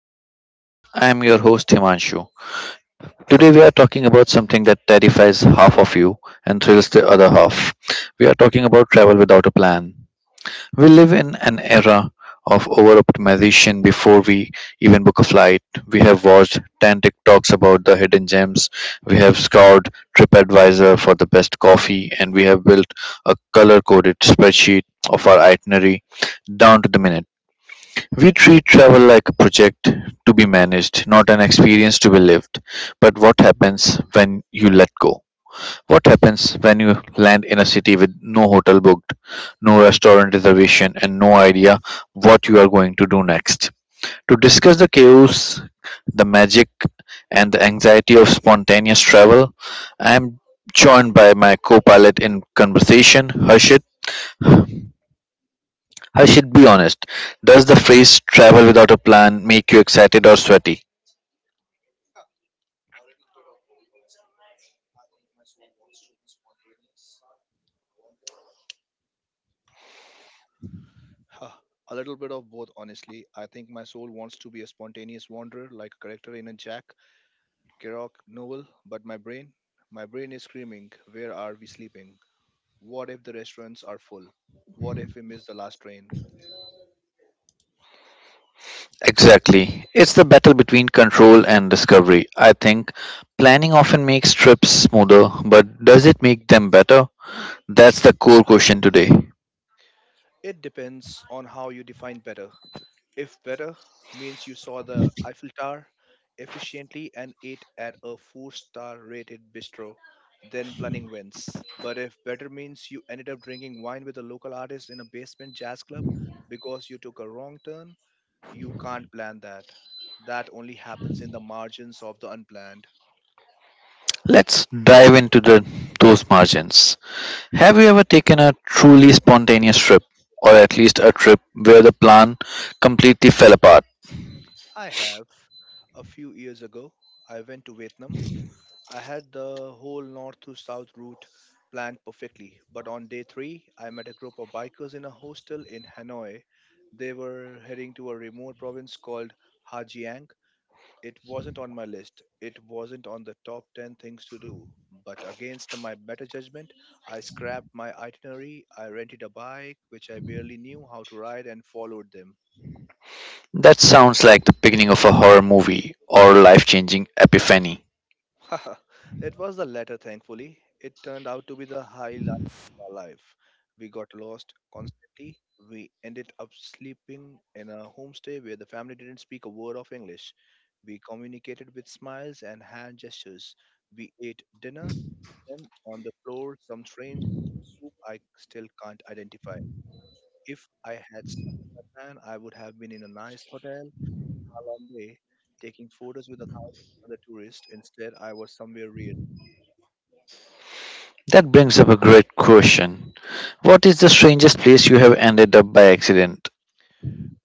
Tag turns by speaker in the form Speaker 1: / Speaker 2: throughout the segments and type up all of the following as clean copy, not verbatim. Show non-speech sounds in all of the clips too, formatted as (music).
Speaker 1: coordinates. I am your host Himanshu. Today we are talking about something that terrifies half of you and thrills the other half. We are talking about travel without a plan. We live in an era of over optimization before we even book a flight. We have watched 10 TikToks about the hidden gems. We have scoured TripAdvisor for the best coffee, and we have built a color coded spreadsheet of our itinerary down to the minute. We treat travel like a project to be managed, not an experience to be lived. But what happens when you let go? What happens when you land in a city with no hotel booked, no restaurant reservation, and no idea what you are going to do next? To discuss the chaos, the magic, and the anxiety of spontaneous travel, I am joined by my co pilot in conversation, Harshit. I should be honest. Does the phrase travel without a plan make you excited or sweaty?
Speaker 2: Huh, a little bit of both, honestly. I think my soul wants to be a spontaneous wanderer like a character in a Jack Kerouac novel, but my brain is screaming, where are we sleeping? What if the restaurants are full? What if we miss the last train?
Speaker 1: Exactly. It's the battle between control and discovery. I think planning often makes trips smoother, but does it make them better? That's the core question today.
Speaker 2: It depends on how you define better. If better means you saw the Eiffel Tower efficiently and ate at a four-star rated bistro, then planning wins. But if better means you ended up drinking wine with a local artist in a basement jazz club because you took a wrong turn, you can't plan that. That only happens in the margins of the unplanned.
Speaker 1: Let's dive into the those margins. Have you ever taken a truly spontaneous trip, or at least a trip where the plan completely fell apart?
Speaker 2: I have. A few years ago, I went to Vietnam. I had the whole north to south route planned perfectly, but on day three, I met a group of bikers in a hostel in Hanoi. They were heading to a remote province called Hajiang. It wasn't on my list, it wasn't on the top 10 things to do, but against my better judgment, I scrapped my itinerary. I rented a bike, which I barely knew how to ride, and followed them.
Speaker 1: That sounds like the beginning of a horror movie or life-changing epiphany.
Speaker 2: (laughs) Haha, it was the latter, thankfully. It turned out to be the highlight of our life. We got lost constantly. We ended up sleeping in a homestay where the family didn't speak a word of English. We communicated with smiles and hand gestures. We ate dinner and on the floor, some strange soup I still can't identify. If I had stuck to my plan, I would have been in a nice hotel, a long day, taking photos with a thousand other tourists. Instead, I was somewhere real.
Speaker 1: That brings up a great question. What is the strangest place you have ended up by accident?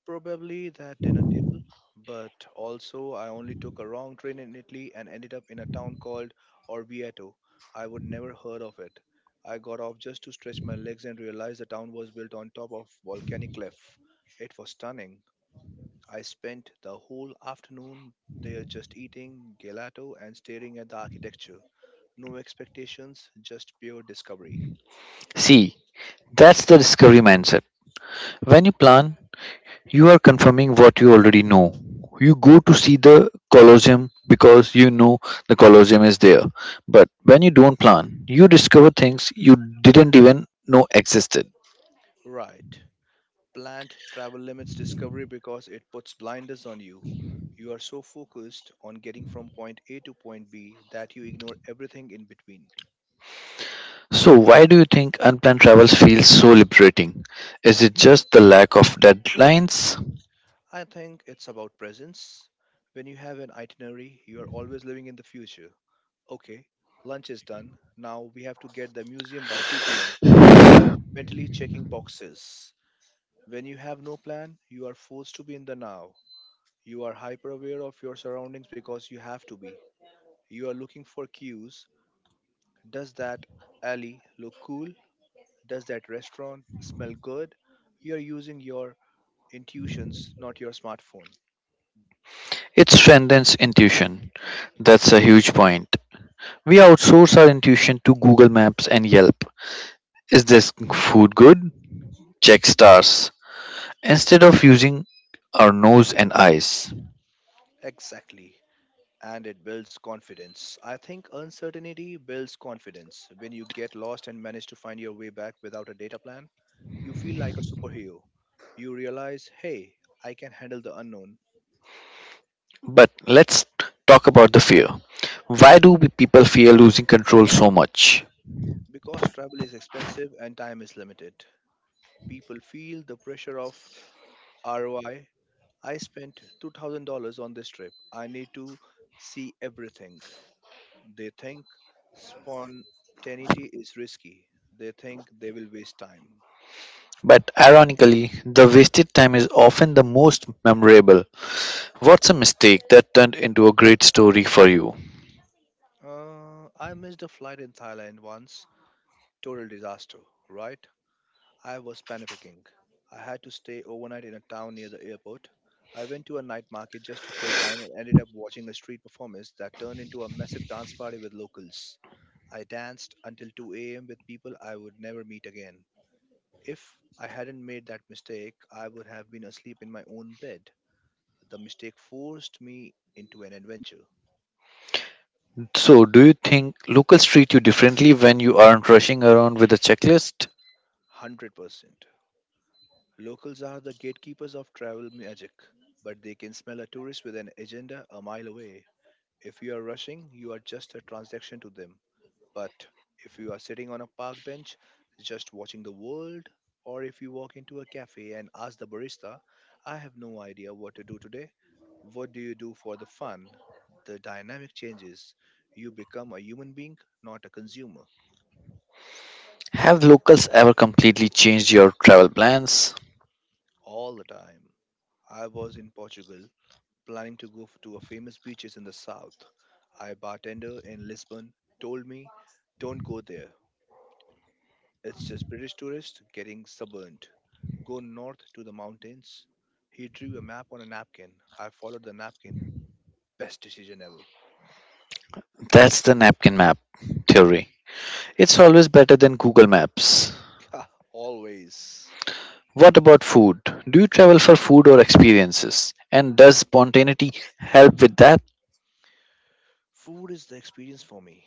Speaker 2: Probably that dinner table, but also I only took a wrong train in Italy and ended up in a town called Orvieto. I would never heard of it. I got off just to stretch my legs and realized the town was built on top of volcanic cliff. It was stunning. I spent the whole afternoon there just eating gelato and staring at the architecture. No expectations, just pure discovery.
Speaker 1: See, that's the discovery mindset. When you plan, you are confirming what you already know. You go to see the Colosseum because you know the Colosseum is there. But when you don't plan, you discover things you didn't even know existed.
Speaker 2: Right. Planned travel limits discovery because it puts blinders on you. You are so focused on getting from point A to point B that you ignore everything in between.
Speaker 1: So, why do you think unplanned travels feels so liberating? Is it just the lack of deadlines?
Speaker 2: I think it's about presence. When you have an itinerary, you are always living in the future. Okay, lunch is done. Now we have to get the museum by 2 p.m. You are mentally checking boxes. When you have no plan, you are forced to be in the now. You are hyper aware of your surroundings because you have to be. You are looking for cues. Does that alley look cool? Does that restaurant smell good? You're using your intuitions, not your smartphone.
Speaker 1: It strengthens intuition. That's a huge point. We outsource our intuition to Google Maps and Yelp. Is this food good? Check stars. Instead of using our nose and eyes.
Speaker 2: Exactly. And it builds confidence. I think uncertainty builds confidence. When you get lost and manage to find your way back without a data plan, you feel like a superhero. You realize, hey, I can handle the unknown.
Speaker 1: But let's talk about the fear. Why do people fear losing control so much?
Speaker 2: Because travel is expensive and time is limited, people feel the pressure of ROI. I spent $2,000 on this trip. I need to see everything. They think spontaneity is risky. They think they will waste time.
Speaker 1: But ironically, the wasted time is often the most memorable. What's a mistake that turned into a great story for you?
Speaker 2: I missed a flight in Thailand once. Total disaster, right? I was panicking. I had to stay overnight in a town near the airport. I went to a night market just to kill time and ended up watching a street performance that turned into a massive dance party with locals. I danced until 2 a.m. with people I would never meet again. If I hadn't made that mistake, I would have been asleep in my own bed. The mistake forced me into an adventure.
Speaker 1: So, do you think locals treat you differently when you aren't rushing around with a checklist?
Speaker 2: 100%. Locals are the gatekeepers of travel magic, but they can smell a tourist with an agenda a mile away. If you are rushing, you are just a transaction to them. But if you are sitting on a park bench just watching the world, or if you walk into a cafe and ask the barista, I have no idea what to do today, what do you do for the fun? The dynamic changes. You become a human being, not a consumer.
Speaker 1: Have locals ever completely changed your travel plans?
Speaker 2: All the time. I was in Portugal planning to to a famous beaches in the south. I bartender in Lisbon told me, "Don't go there. It's just British tourists getting sunburned. Go north to the mountains. He drew a map on a napkin. I followed the napkin. Best decision ever.
Speaker 1: That's the napkin map theory. It's always better than Google Maps.
Speaker 2: (laughs) Always.
Speaker 1: What about food? Do you travel for food or experiences? And does spontaneity help with that?
Speaker 2: Food is the experience for me,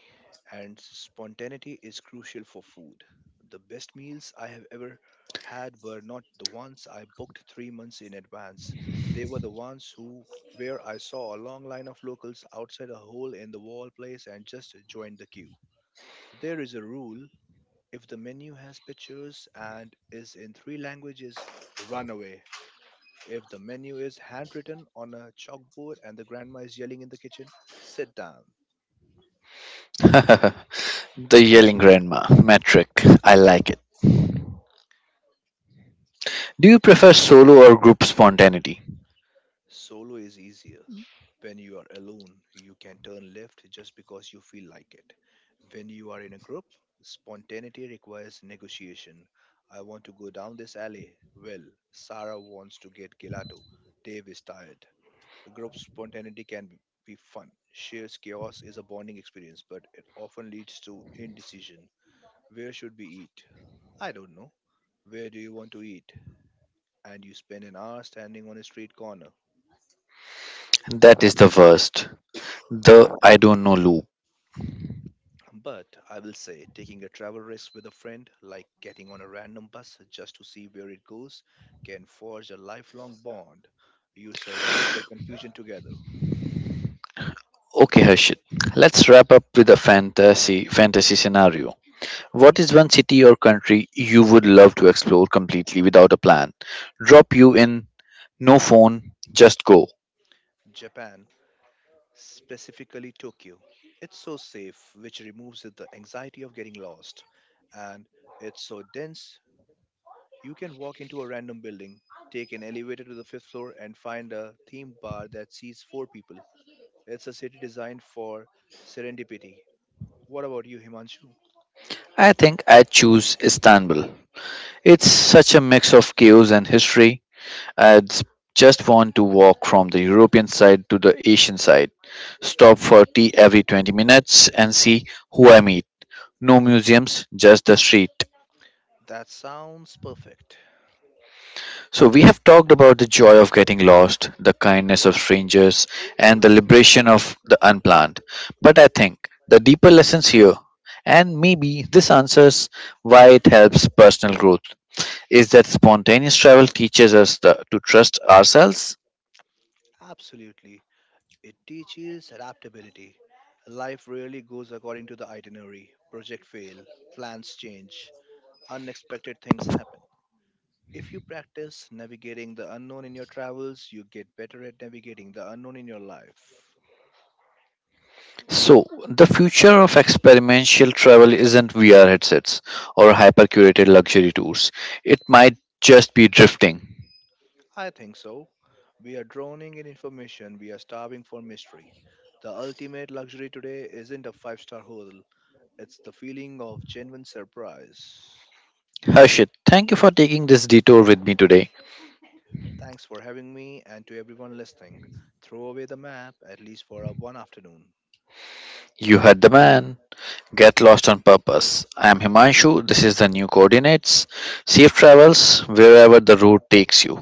Speaker 2: and spontaneity is crucial for food. The best meals I have ever had were not the ones I booked 3 months in advance. They were the ones who where I saw a long line of locals outside a hole in the wall place and just joined the queue. There is a rule. If the menu has pictures and is in three languages, run away. If the menu is handwritten on a chalkboard and the grandma is yelling in the kitchen, sit down.
Speaker 1: (laughs) The yelling grandma metric. I like it. Do you prefer solo or group spontaneity?
Speaker 2: Solo is easier. When you are alone, you can turn left just because you feel like it. When you are in a group, spontaneity requires negotiation. I want to go down this alley. Well, Sarah wants to get gelato. Dave is tired. Group spontaneity can be fun. Shares chaos is a bonding experience, but it often leads to indecision. Where should we eat? I don't know. Where do you want to eat? And you spend an hour standing on a street corner.
Speaker 1: That is the worst. The I don't know loop.
Speaker 2: But I will say, taking a travel risk with a friend, like getting on a random bus just to see where it goes, can forge a lifelong bond. You survive the confusion together.
Speaker 1: Okay, Harshit. Let's wrap up with a fantasy scenario. What is one city or country you would love to explore completely without a plan? Drop you in, no phone, just go.
Speaker 2: Japan, specifically Tokyo. It's so safe, which removes the anxiety of getting lost, and it's so dense you can walk into a random building, take an elevator to the fifth floor, and find a themed bar that seats four people. It's a city designed for serendipity. What about you, Himanshu?
Speaker 1: I think I'd choose Istanbul. It's such a mix of chaos and history. I'd s- just want to walk from the European side to the Asian side, stop for tea every 20 minutes, and see who I meet. No museums, just the street.
Speaker 2: That sounds perfect.
Speaker 1: So, we have talked about the joy of getting lost, the kindness of strangers, and the liberation of the unplanned. But I think the deeper lessons here, and maybe this answers why it helps personal growth, is that spontaneous travel teaches us to trust ourselves.
Speaker 2: Absolutely. It teaches adaptability. Life rarely goes according to the itinerary. Project fail, plans change, unexpected things happen. If you practice navigating the unknown in your travels, you get better at navigating the unknown in your life.
Speaker 1: So, the future of experiential travel isn't VR headsets or hyper curated luxury tours, it might just be drifting.
Speaker 2: I think so. We are drowning in information, we are starving for mystery. The ultimate luxury today isn't a five-star hotel, it's the feeling of genuine surprise.
Speaker 1: Harshit, thank you for taking this detour with me today.
Speaker 2: Thanks for having me, and to everyone listening, throw away the map at least for a one afternoon.
Speaker 1: You heard the man. Get lost on purpose. I am Himanshu. This is the new coordinates. Safe travels wherever the route takes you.